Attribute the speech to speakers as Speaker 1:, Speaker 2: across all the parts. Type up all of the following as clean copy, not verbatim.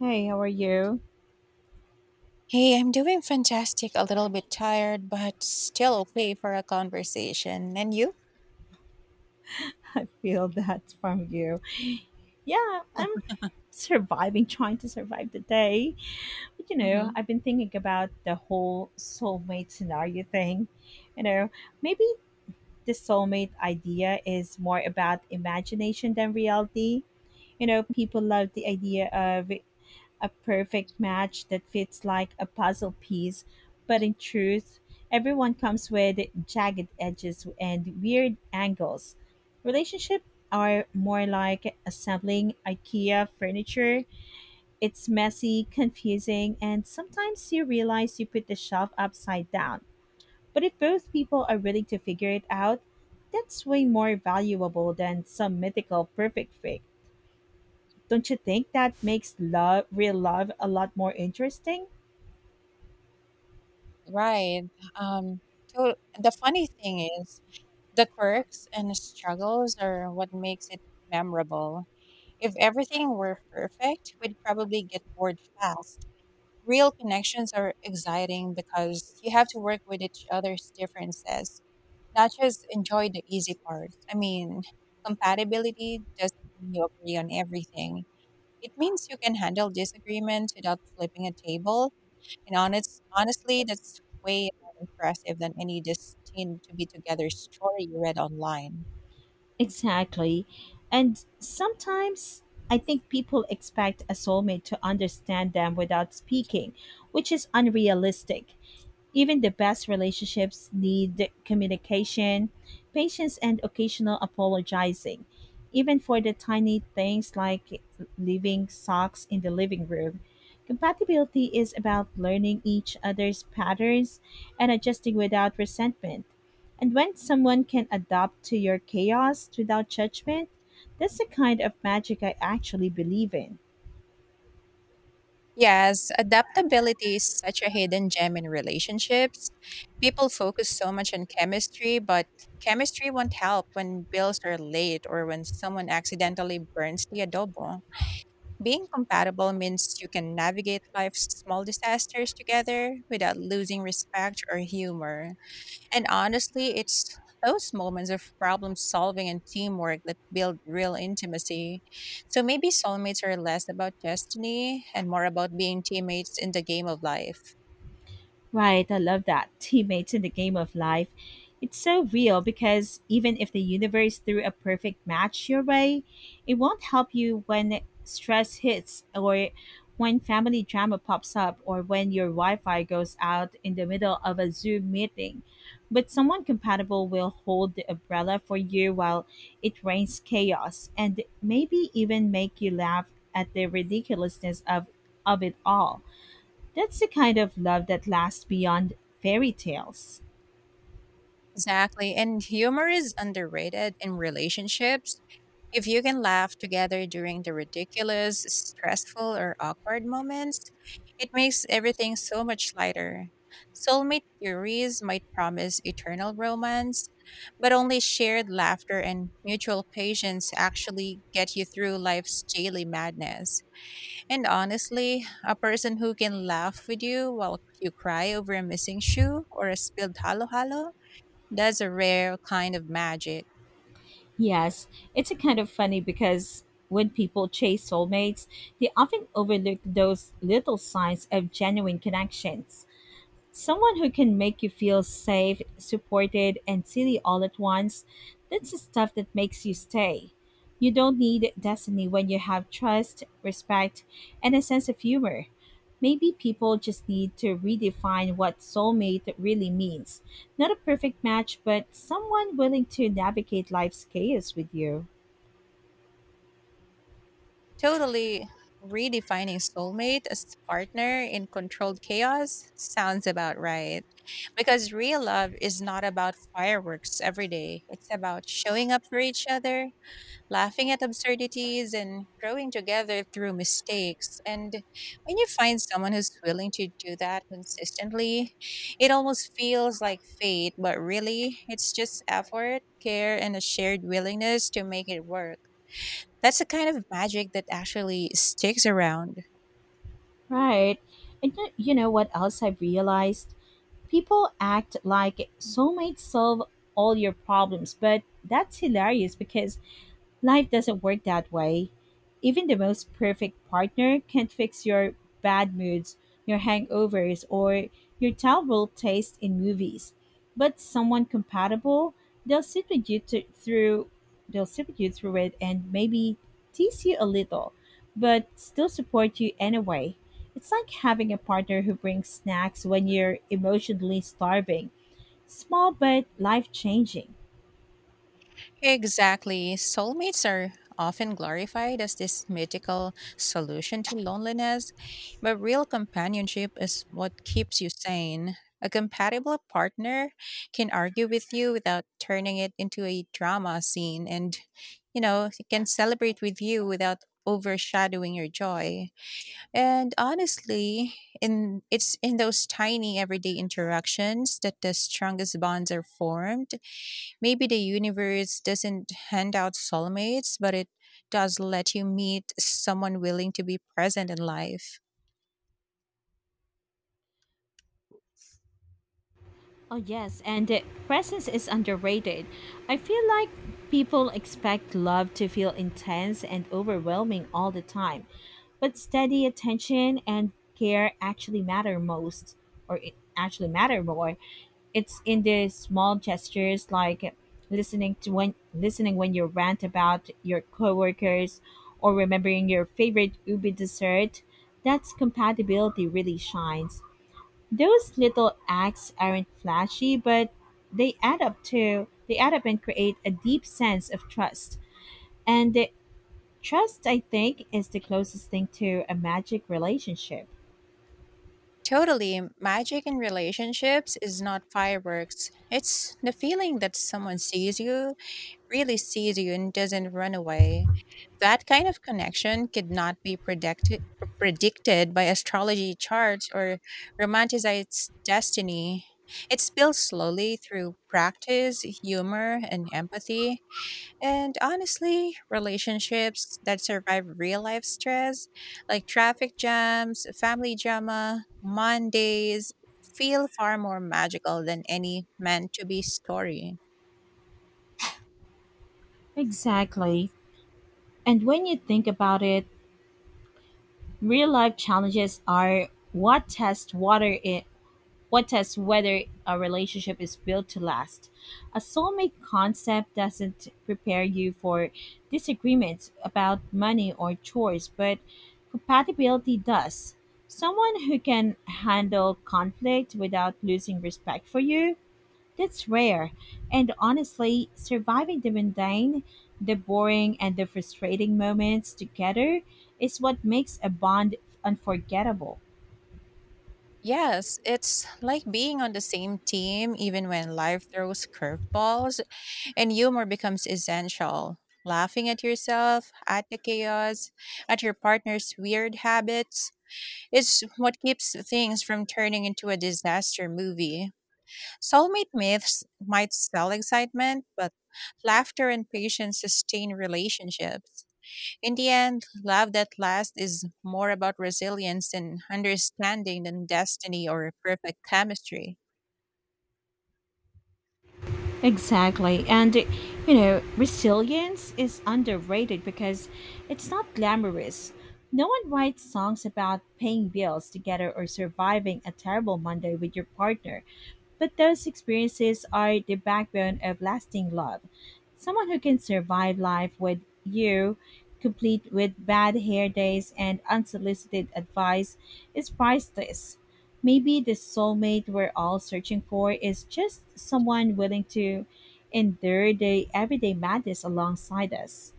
Speaker 1: Hey, how are you?
Speaker 2: Hey, I'm doing fantastic, a little bit tired, but still okay for a conversation. And you?
Speaker 1: I feel that from you. Yeah, I'm surviving, trying to survive the day. But you
Speaker 2: Hmm.
Speaker 1: know, I've been thinking about the whole soulmate scenario thing. You know, maybe the soulmate idea is more about imagination than reality. You know, people love the idea of a perfect match that fits like a puzzle piece, but in truth, everyone comes with jagged edges and weird angles. Relationships are more like assembling IKEA furniture. It's messy, confusing, and sometimes you realize you put the shelf upside down. But if both people are willing to figure it out, that's way more valuable than some mythical perfect fig. Don't you think that makes love, real love, a lot more interesting?
Speaker 2: Right. Um, the funny thing is, the quirks and struggles are what makes it memorable. If everything were perfect, we'd probably get bored fast. Real connections are exciting because you have to work with each other's differences, not just enjoy the easy parts. I mean, compatibility doesn't mean you agree on everything. It means you can handle disagreement without flipping a table. And honestly, that's way more impressive than any destined to be together story you read online.
Speaker 1: Exactly. And sometimes I think people expect a soulmate to understand them without speaking, which is unrealistic. Even the best relationships need communication, patience, and occasional apologizing, even for the tiny things like leaving socks in the living room. Compatibility is about learning each other's patterns and adjusting without resentment. And when someone can adapt to your chaos without judgment, that's the kind of magic I actually believe in.
Speaker 2: Yes, adaptability is such a hidden gem in relationships. People focus so much on chemistry, but chemistry won't help when bills are late or when someone accidentally burns the adobo. Being compatible means you can navigate life's small disasters together without losing respect or humor. And honestly, it's those moments of problem solving and teamwork that build real intimacy. So maybe soulmates are less about destiny and more about being teammates in the game of life.
Speaker 1: Right, I love that. Teammates in the game of life. It's so real because even if the universe threw a perfect match your way, it won't help you when stress hits or when family drama pops up or when your Wi Fi goes out in the middle of a Zoom meeting. But someone compatible will hold the umbrella for you while it rains chaos and maybe even make you laugh at the ridiculousness of it all. That's the kind of love that lasts beyond fairy tales.
Speaker 2: Exactly. And humor is underrated in relationships. If you can laugh together during the ridiculous, stressful, or awkward moments, it makes everything so much lighter. Soulmate theories might promise eternal romance, but only shared laughter and mutual patience actually get you through life's daily madness. And honestly, a person who can laugh with you while you cry over a missing shoe or a spilled halo halo, that's a rare kind of magic.
Speaker 1: Yes, it's a kind of funny because when people chase soulmates, they often overlook those little signs of genuine connections. Someone who can make you feel safe, supported, and silly all at once, that's the stuff that makes you stay. You don't need destiny when you have trust, respect, and a sense of humor. Maybe people just need to redefine what soulmate really means. Not a perfect match, but someone willing to navigate life's chaos with you.
Speaker 2: Totally, redefining soulmate as partner in controlled chaos sounds about right. Because real love is not about fireworks every day, it's about showing up for each other, laughing at absurdities, and growing together through mistakes. And when you find someone who's willing to do that consistently, it almost feels like fate, but really, it's just effort, care, and a shared willingness to make it work. That's the kind of magic that actually sticks around.
Speaker 1: Right. And you know what else I've realized? People act like soulmates solve all your problems, but that's hilarious because life doesn't work that way. Even the most perfect partner can't fix your bad moods, your hangovers, or your terrible taste in movies. But someone compatible, they'll sit with you to, through, they'll sit with you through it and maybe tease you a little, but still support you anyway. It's like having a partner who brings snacks when you're emotionally starving. Small but life changing.
Speaker 2: Exactly. Soulmates are often glorified as this mythical solution to loneliness, but real companionship is what keeps you sane. A compatible partner can argue with you without turning it into a drama scene and, you know, can celebrate with you without overshadowing your joy. And honestly, in it's in those tiny everyday interactions that the strongest bonds are formed. Maybe the universe doesn't hand out soulmates, but it does let you meet someone willing to be present in life.
Speaker 1: Oh, yes, and the presence is underrated. I feel like people expect love to feel intense and overwhelming all the time, but steady attention and care actually matter most, or it actually matter more. It's in the small gestures like listening when you rant about your coworkers or remembering your favorite ubi dessert. That's compatibility really shines. Those little acts aren't flashy, but they add up and create a deep sense of trust. And the trust, I think, is the closest thing to a magic relationship.
Speaker 2: Totally. Magic in relationships is not fireworks. It's the feeling that someone sees you, really sees you, and doesn't run away. That kind of connection could not be predicted by astrology charts or romanticized destiny. It's built slowly through practice, humor, and empathy. And honestly, relationships that survive real life stress, like traffic jams, family drama, Mondays, feel far more magical than any meant to be story.
Speaker 1: Exactly. And when you think about it, real life challenges are what test water I- what tests whether a relationship is built to last? A soulmate concept doesn't prepare you for disagreements about money or chores, but compatibility does. Someone who can handle conflict without losing respect for you, that's rare. And honestly, surviving the mundane, the boring, and the frustrating moments together is what makes a bond unforgettable.
Speaker 2: Yes, it's like being on the same team even when life throws curveballs and humor becomes essential. Laughing at yourself, at the chaos, at your partner's weird habits is what keeps things from turning into a disaster movie. Soulmate myths might sell excitement, but laughter and patience sustain relationships. In the end, love that lasts is more about resilience and understanding than destiny or perfect chemistry.
Speaker 1: Exactly. And, you know, resilience is underrated because it's not glamorous. No one writes songs about paying bills together or surviving a terrible Monday with your partner. But those experiences are the backbone of lasting love. Someone who can survive life with you, complete with bad hair days and unsolicited advice, is priceless. Maybe the soulmate we're all searching for is just someone willing to endure the everyday madness alongside us.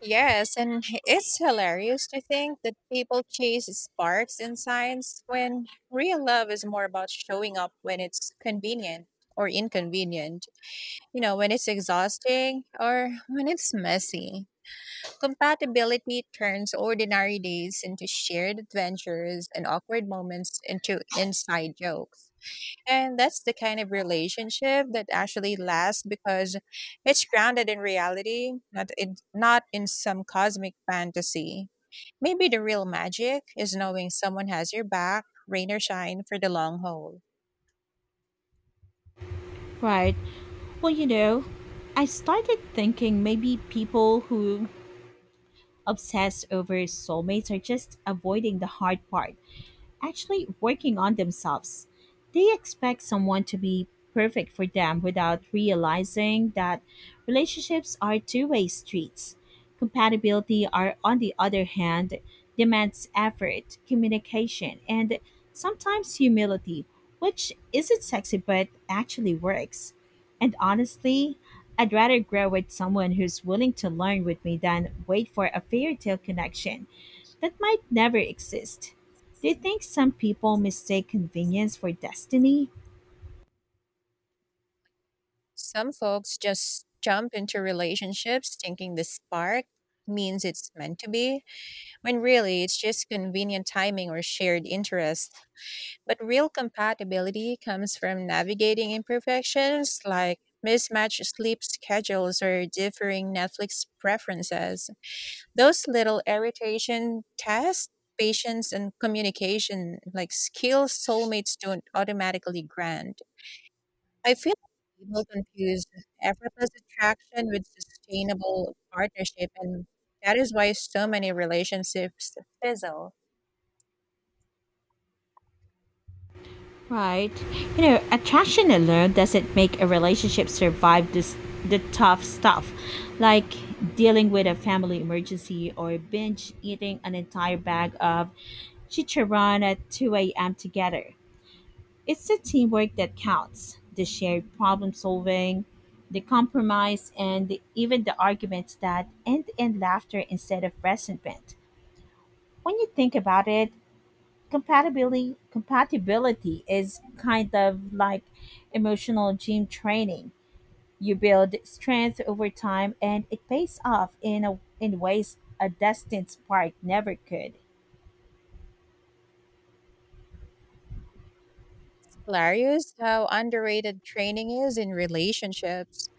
Speaker 2: Yes, and it's hilarious to think that people chase sparks in science when real love is more about showing up when it's convenient or inconvenient, you know, when it's exhausting or when it's messy. Compatibility turns ordinary days into shared adventures and awkward moments into inside jokes. And that's the kind of relationship that actually lasts because it's grounded in reality, not in some cosmic fantasy. Maybe the real magic is knowing someone has your back, rain or shine, for the long haul.
Speaker 1: Right. Well, you know, I started thinking maybe people who obsess over soulmates are just avoiding the hard part actually working on themselves. They expect someone to be perfect for them without realizing that relationships are two-way streets. Compatibility, on the other hand, demands effort, communication, and sometimes humility, which isn't sexy but actually works. And honestly, I'd rather grow with someone who's willing to learn with me than wait for a fairy tale connection that might never exist. Do you think some people mistake convenience for destiny?
Speaker 2: Some folks just jump into relationships thinking the spark means it's meant to be, when really it's just convenient timing or shared interest. But real compatibility comes from navigating imperfections like mismatched sleep schedules or differing Netflix preferences. Those little irritation tests patience and communication like skills soulmates don't automatically grant. I feel like people confuse effortless attraction with sustainable partnership, and that is why so many relationships fizzle.
Speaker 1: Right. You know, attraction alone doesn't make a relationship survive this the tough stuff, like dealing with a family emergency or binge eating an entire bag of chicharron at 2 a.m. together. It's the teamwork that counts, the shared problem solving, the compromise, and even the arguments that end in laughter instead of resentment. When you think about it, compatibility is kind of like emotional gym training. You build strength over time and it pays off in ways a distance sport never could.
Speaker 2: Hilarious how underrated training is in relationships.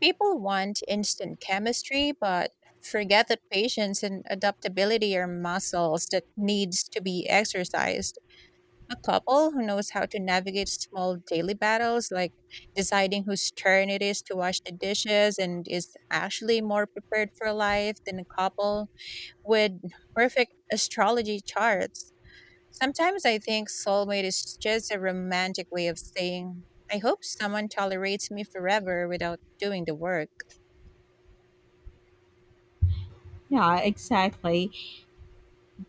Speaker 2: People want instant chemistry, but forget that patience and adaptability are muscles that needs to be exercised. A couple who knows how to navigate small daily battles, like deciding whose turn it is to wash the dishes, and is actually more prepared for life than a couple with perfect astrology charts. Sometimes I think soulmate is just a romantic way of saying, I hope someone tolerates me forever without doing the work.
Speaker 1: Yeah, exactly.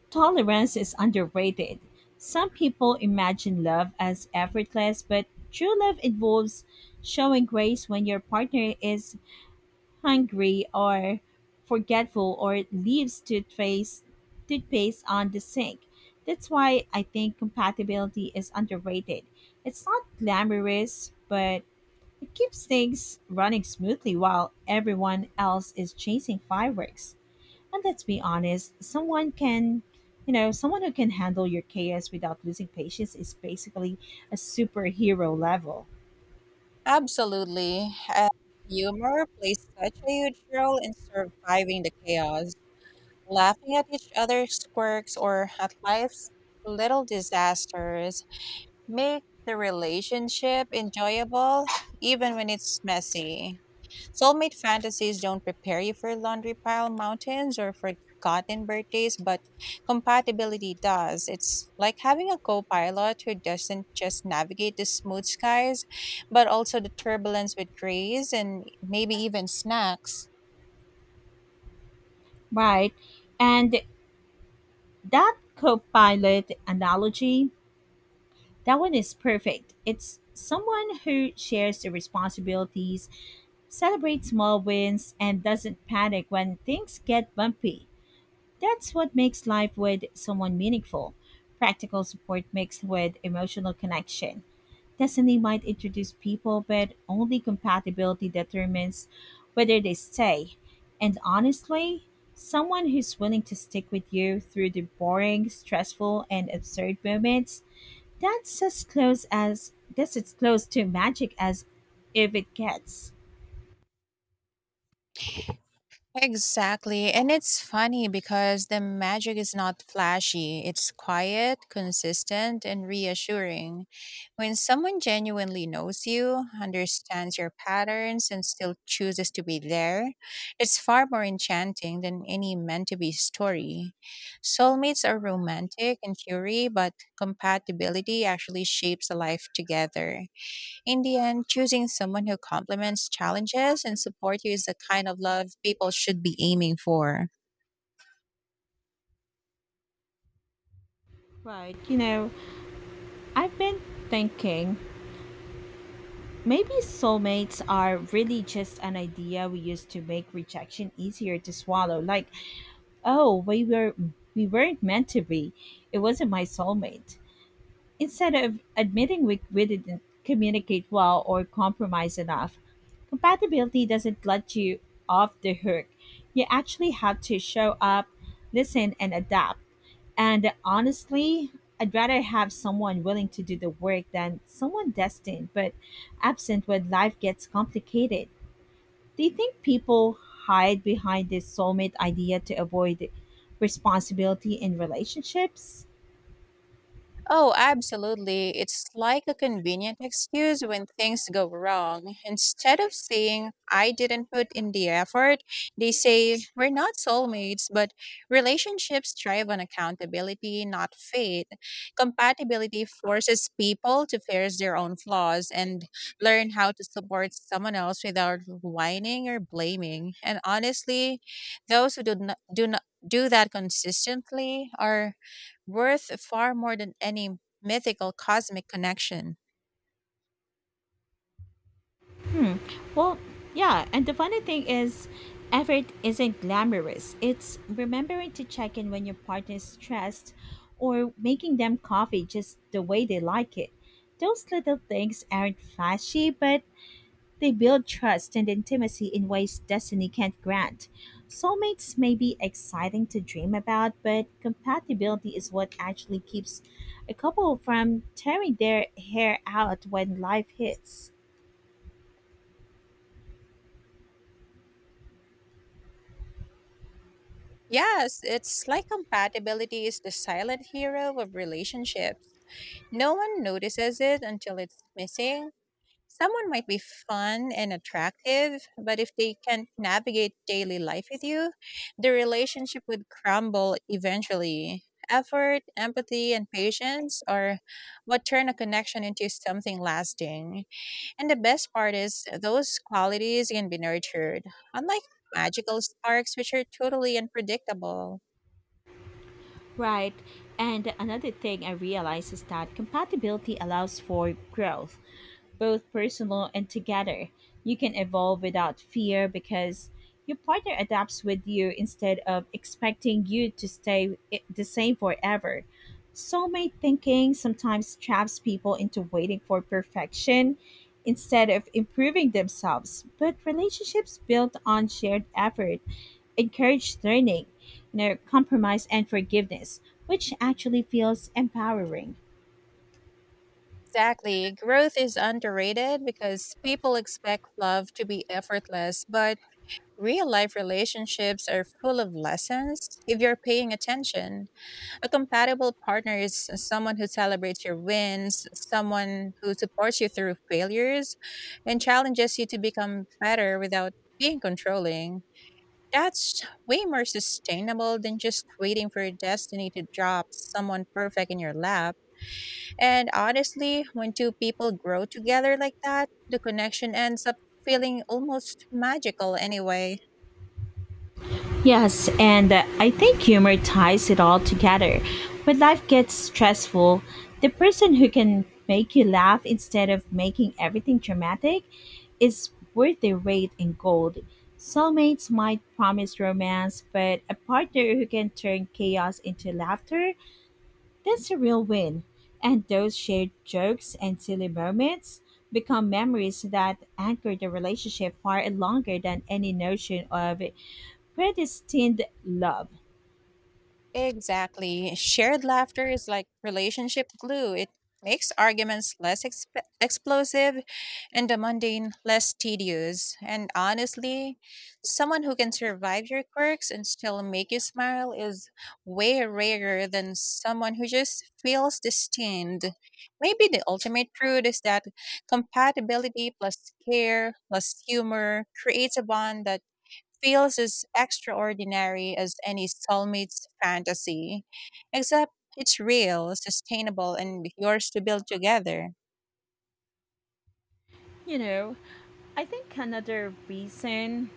Speaker 1: Tolerance is underrated. Some people imagine love as effortless, but true love involves showing grace when your partner is hungry or forgetful or leaves toothpaste on the sink. That's why I think compatibility is underrated. It's not glamorous, but it keeps things running smoothly while everyone else is chasing fireworks. And let's be honest, someone can you know, someone who can handle your chaos without losing patience is basically a superhero level.
Speaker 2: Absolutely. And humor plays such a huge role in surviving the chaos. Laughing at each other's quirks or at life's little disasters make the relationship enjoyable even when it's messy. Soulmate fantasies don't prepare you for laundry pile mountains or forgotten birthdays, but compatibility does. It's like having a co pilot who doesn't just navigate the smooth skies, but also the turbulence with grace and maybe even snacks.
Speaker 1: Right. And that co pilot analogy, that one is perfect. It's someone who shares the responsibilities, celebrates small wins, and doesn't panic when things get bumpy. That's what makes life with someone meaningful. Practical support mixed with emotional connection. Destiny might introduce people, but only compatibility determines whether they stay. And honestly, someone who's willing to stick with you through the boring, stressful, and absurd moments, that's as close as guess it's close to magic as if it gets.
Speaker 2: Exactly. And it's funny because the magic is not flashy. It's quiet, consistent, and reassuring. When someone genuinely knows you, understands your patterns, and still chooses to be there, it's far more enchanting than any meant to be story. Soulmates are romantic in theory, but compatibility actually shapes a life together. In the end, choosing someone who complements challenges and supports you is the kind of love people should be aiming for.
Speaker 1: Right. You know, I've been thinking maybe soulmates are really just an idea we used to make rejection easier to swallow. Like, oh, we weren't meant to be. It wasn't my soulmate. Instead of admitting we didn't communicate well or compromise enough, compatibility doesn't let you off the hook. You actually have to show up, listen, and adapt. And honestly, I'd rather have someone willing to do the work than someone destined but absent when life gets complicated. Do you think people hide behind this soulmate idea to avoid responsibility in relationships?
Speaker 2: Oh, absolutely. It's like a convenient excuse when things go wrong. Instead of saying, I didn't put in the effort, they say, We're not soulmates, but relationships thrive on accountability, not fate. Compatibility forces people to face their own flaws and learn how to support someone else without whining or blaming. And honestly, those who do not do that consistently are worth far more than any mythical cosmic connection.
Speaker 1: Well, yeah, and the funny thing is, effort isn't glamorous. It's remembering to check in when your partner is stressed or making them coffee just the way they like it. Those little things aren't flashy, but they build trust and intimacy in ways destiny can't grant. Soulmates may be exciting to dream about, but compatibility is what actually keeps a couple from tearing their hair out when life hits.
Speaker 2: Yes, it's like compatibility is the silent hero of relationships. No one notices it until it's missing. Someone might be fun and attractive, but if they can't navigate daily life with you, the relationship would crumble eventually. Effort, empathy, and patience are what turn a connection into something lasting. And the best part is, those qualities can be nurtured, unlike magical sparks, which are totally unpredictable.
Speaker 1: Right. And another thing I realize is that compatibility allows for growth, both personal and together. You can evolve without fear because your partner adapts with you instead of expecting you to the same forever. Soulmate thinking sometimes traps people into waiting for perfection instead of improving themselves. But relationships built on shared effort encourage learning no, compromise and forgiveness, which actually feels empowering.
Speaker 2: Exactly. Growth is underrated because people expect love to be effortless, but real life relationships are full of lessons if you're paying attention. A compatible partner is someone who celebrates your wins, someone who supports you through failures, and challenges you to become better without being controlling. That's way more sustainable than just waiting for your destiny to drop someone perfect in your lap. And honestly, when two people grow together like that, the connection ends up feeling almost magical anyway.
Speaker 1: Yes, and I think humor ties it all together. When life gets stressful, the person who can make you laugh instead of making everything dramatic is worth their weight in gold. Soulmates might promise romance, but a partner who can turn chaos into laughter, that's a real win. And those shared jokes and silly moments become memories that anchor the relationship far longer than any notion of predestined love.
Speaker 2: Exactly. Shared laughter is like relationship glue. It makes arguments less explosive and the mundane less tedious. And honestly, someone who can survive your quirks and still make you smile is way rarer than someone who just feels destined. Maybe the ultimate truth is that compatibility plus care plus humor creates a bond that feels as extraordinary as any soulmate's fantasy, except it's real, sustainable, and yours to build together.
Speaker 1: You know, I think another reason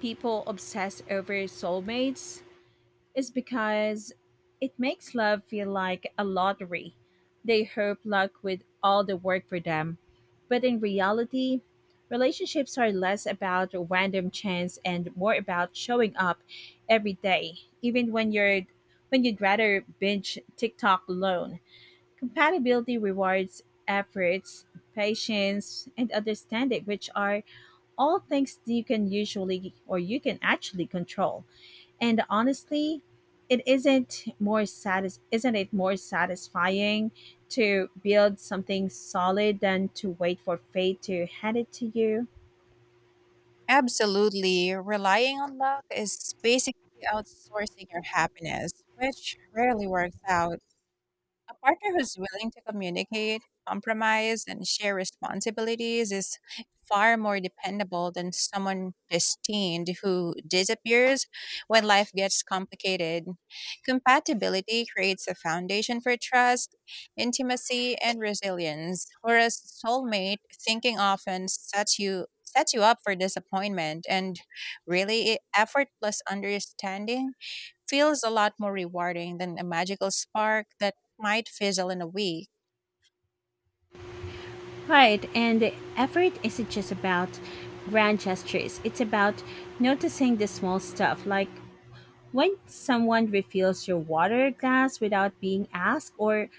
Speaker 1: people obsess over soulmates is because it makes love feel like a lottery. They hope luck with all the work for them. But in reality, relationships are less about random chance and more about showing up every day, even when you'd rather binge TikTok alone. Compatibility rewards efforts, patience, and understanding, which are all things that you can actually control. And honestly, it isn't more satis- isn't it more satisfying to build something solid than to wait for fate to hand it to you?
Speaker 2: Absolutely. Relying on luck is basically outsourcing your happiness, which rarely works out. A partner who's willing to communicate, compromise, and share responsibilities is far more dependable than someone destined who disappears when life gets complicated. Compatibility creates a foundation for trust, intimacy, and resilience, whereas soulmate thinking often sets you up for disappointment and really effortless understanding feels a lot more rewarding than a magical spark that might fizzle in a week.
Speaker 1: Right, and the effort isn't just about grand gestures. It's about noticing the small stuff, like when someone refills your water glass without being asked, or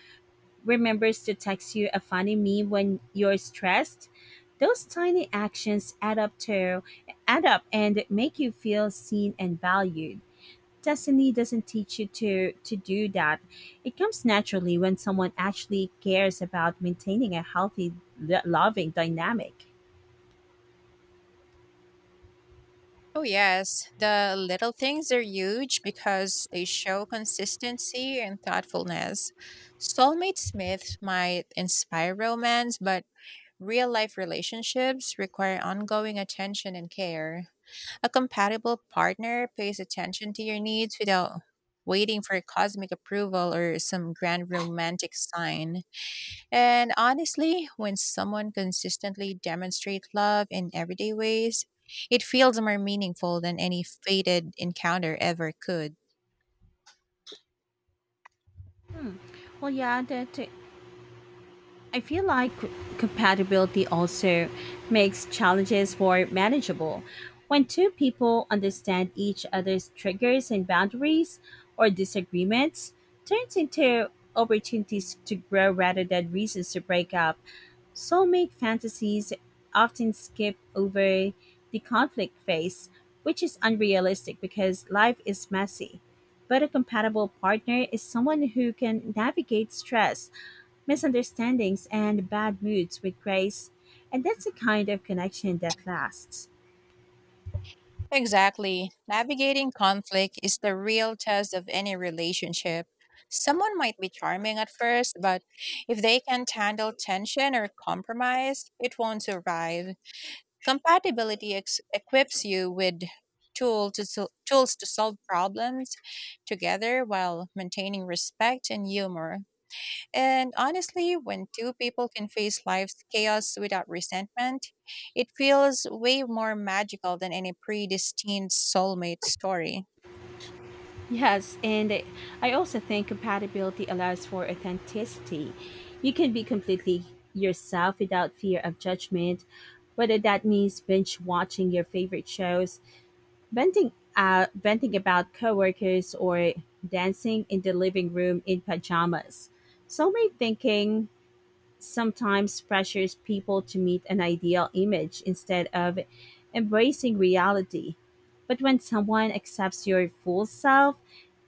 Speaker 1: remembers to text you a funny meme when you're stressed. Those tiny actions add up and make you feel seen and valued. Destiny doesn't teach you to do that. It comes naturally when someone actually cares about maintaining a healthy, loving dynamic.
Speaker 2: Oh, yes, the little things are huge because they show consistency and thoughtfulness. Soulmates myths might inspire romance, but real life relationships require ongoing attention and care. A compatible partner pays attention to your needs without waiting for cosmic approval or some grand romantic sign. And honestly, when someone consistently demonstrates love in everyday ways, it feels more meaningful than any fated encounter ever could.
Speaker 1: Well, yeah, that, I feel like compatibility also makes challenges more manageable. When two people understand each other's triggers and boundaries or disagreements, turns into opportunities to grow rather than reasons to break up. Soulmate fantasies often skip over the conflict phase, which is unrealistic because life is messy. But a compatible partner is someone who can navigate stress misunderstandings, and bad moods with grace. And that's a kind of connection that lasts.
Speaker 2: Exactly. Navigating conflict is the real test of any relationship. Someone might be charming at first, but if they can't handle tension or compromise, it won't survive. Compatibility equips you with tools to solve problems together while maintaining respect and humor. And honestly, when two people can face life's chaos without resentment, it feels way more magical than any predestined soulmate story.
Speaker 1: Yes, and I also think compatibility allows for authenticity. You can be completely yourself without fear of judgment, whether that means binge watching your favorite shows, venting about coworkers, or dancing in the living room in pajamas. Soulmate thinking sometimes pressures people to meet an ideal image instead of embracing reality. But when someone accepts your full self,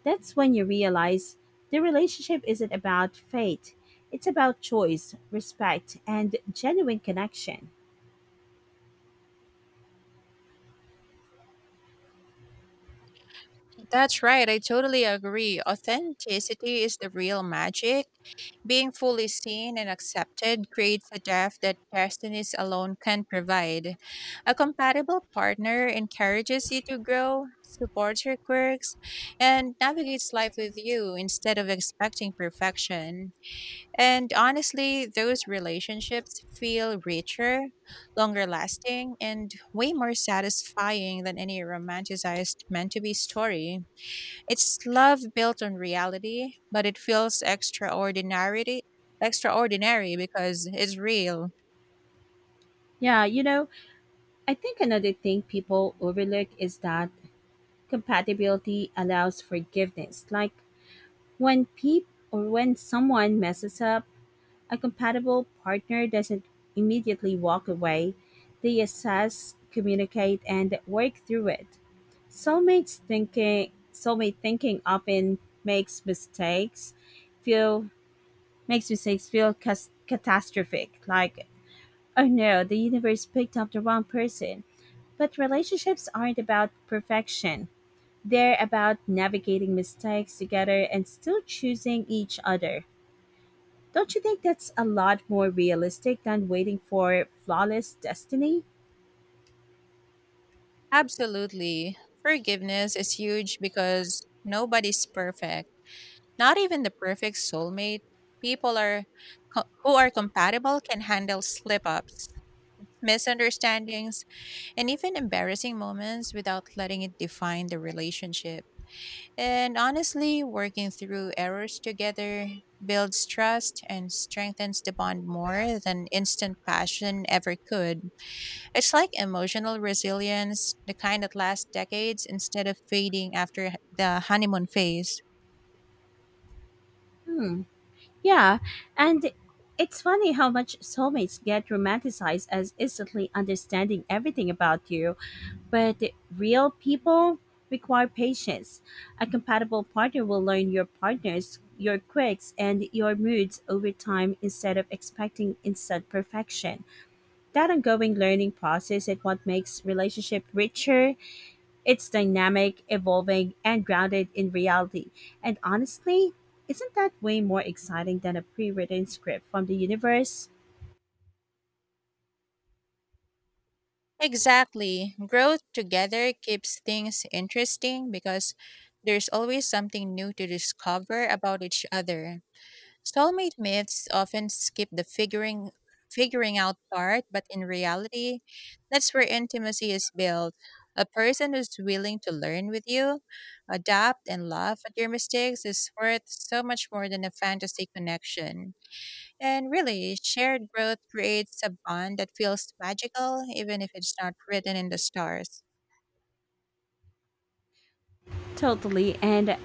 Speaker 1: that's when you realize the relationship isn't about fate. It's about choice, respect, and genuine connection.
Speaker 2: That's right, I totally agree. Authenticity is the real magic. Being fully seen and accepted creates a depth that destinies alone can provide. A compatible partner encourages you to grow, supports your quirks, and navigates life with you instead of expecting perfection. And honestly, those relationships feel richer, longer lasting, and way more satisfying than any romanticized meant to be story. It's love built on reality, but it feels extraordinary, because it's real.
Speaker 1: Yeah, you know, I think another thing people overlook is that compatibility allows forgiveness. Like when people or when someone messes up, a compatible partner doesn't immediately walk away, they assess, communicate, and work through it. Soulmate thinking often feel makes mistakes feel cas- catastrophic, like oh no, the universe picked up the wrong person. But relationships aren't about perfection. They're about navigating mistakes together and still choosing each other. Don't you think that's a lot more realistic than waiting for flawless destiny?
Speaker 2: Absolutely. Forgiveness is huge because nobody's perfect. Not even the perfect soulmate. People are who are compatible can handle slip-ups, misunderstandings, and even embarrassing moments without letting it define the relationship. And honestly, working through errors together builds trust and strengthens the bond more than instant passion ever could. It's like emotional resilience, the kind that lasts decades instead of fading after the honeymoon phase.
Speaker 1: Hmm. Yeah, and it's funny how much soulmates get romanticized as instantly understanding everything about you, but real people require patience. A compatible partner will learn your partners, your quirks, and your moods over time instead of expecting instant perfection. That ongoing learning process is what makes relationship richer. It's dynamic, evolving, and grounded in reality. And honestly, isn't that way more exciting than a pre written script from the universe?
Speaker 2: Exactly. Growth together keeps things interesting because there's always something new to discover about each other. Soulmate myths often skip the figuring out part, but in reality, that's where intimacy is built. A person who's willing to learn with you, adapt and laugh at your mistakes is worth so much more than a fantasy connection. And really, shared growth creates a bond that feels magical, even if it's not written in the stars.
Speaker 1: Totally, and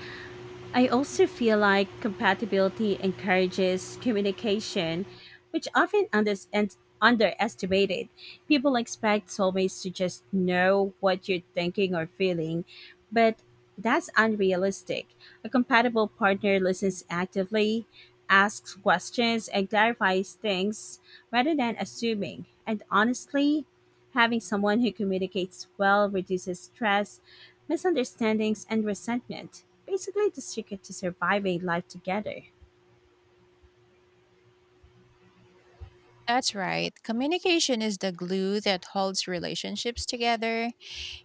Speaker 1: I also feel like compatibility encourages communication, which often unders- and underestimated. People expect soulmates to just know what you're thinking or feeling, but that's unrealistic. A compatible partner listens actively, asks questions, and clarifies things rather than assuming. And honestly, having someone who communicates well reduces stress, misunderstandings, and resentment. Basically, the secret to surviving life together.
Speaker 2: That's right. Communication is the glue that holds relationships together.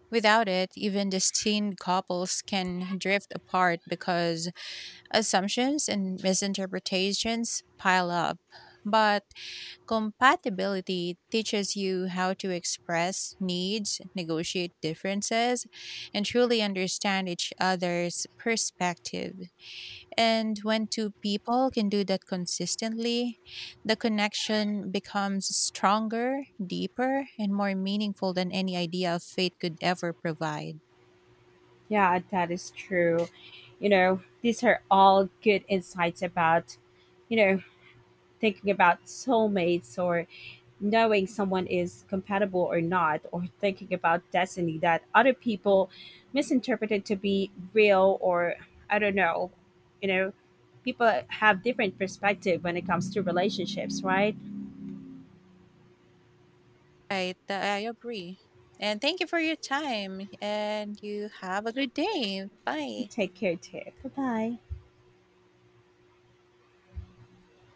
Speaker 2: Without it, even destined couples can drift apart because assumptions and misinterpretations pile up. But compatibility teaches you how to express needs, negotiate differences, and truly understand each other's perspective. And when two people can do that consistently, the connection becomes stronger, deeper, and more meaningful than any idea of fate could ever provide.
Speaker 1: Yeah, that is true. You know, these are all good insights about, you know, thinking about soulmates or knowing someone is compatible or not, or thinking about destiny that other people misinterpreted to be real or I don't know, you know, people have different perspective when it comes to relationships, right?
Speaker 2: Right, I agree. And thank you for your time, and you have a good day.
Speaker 1: You
Speaker 2: Bye.
Speaker 1: take care too. Bye bye.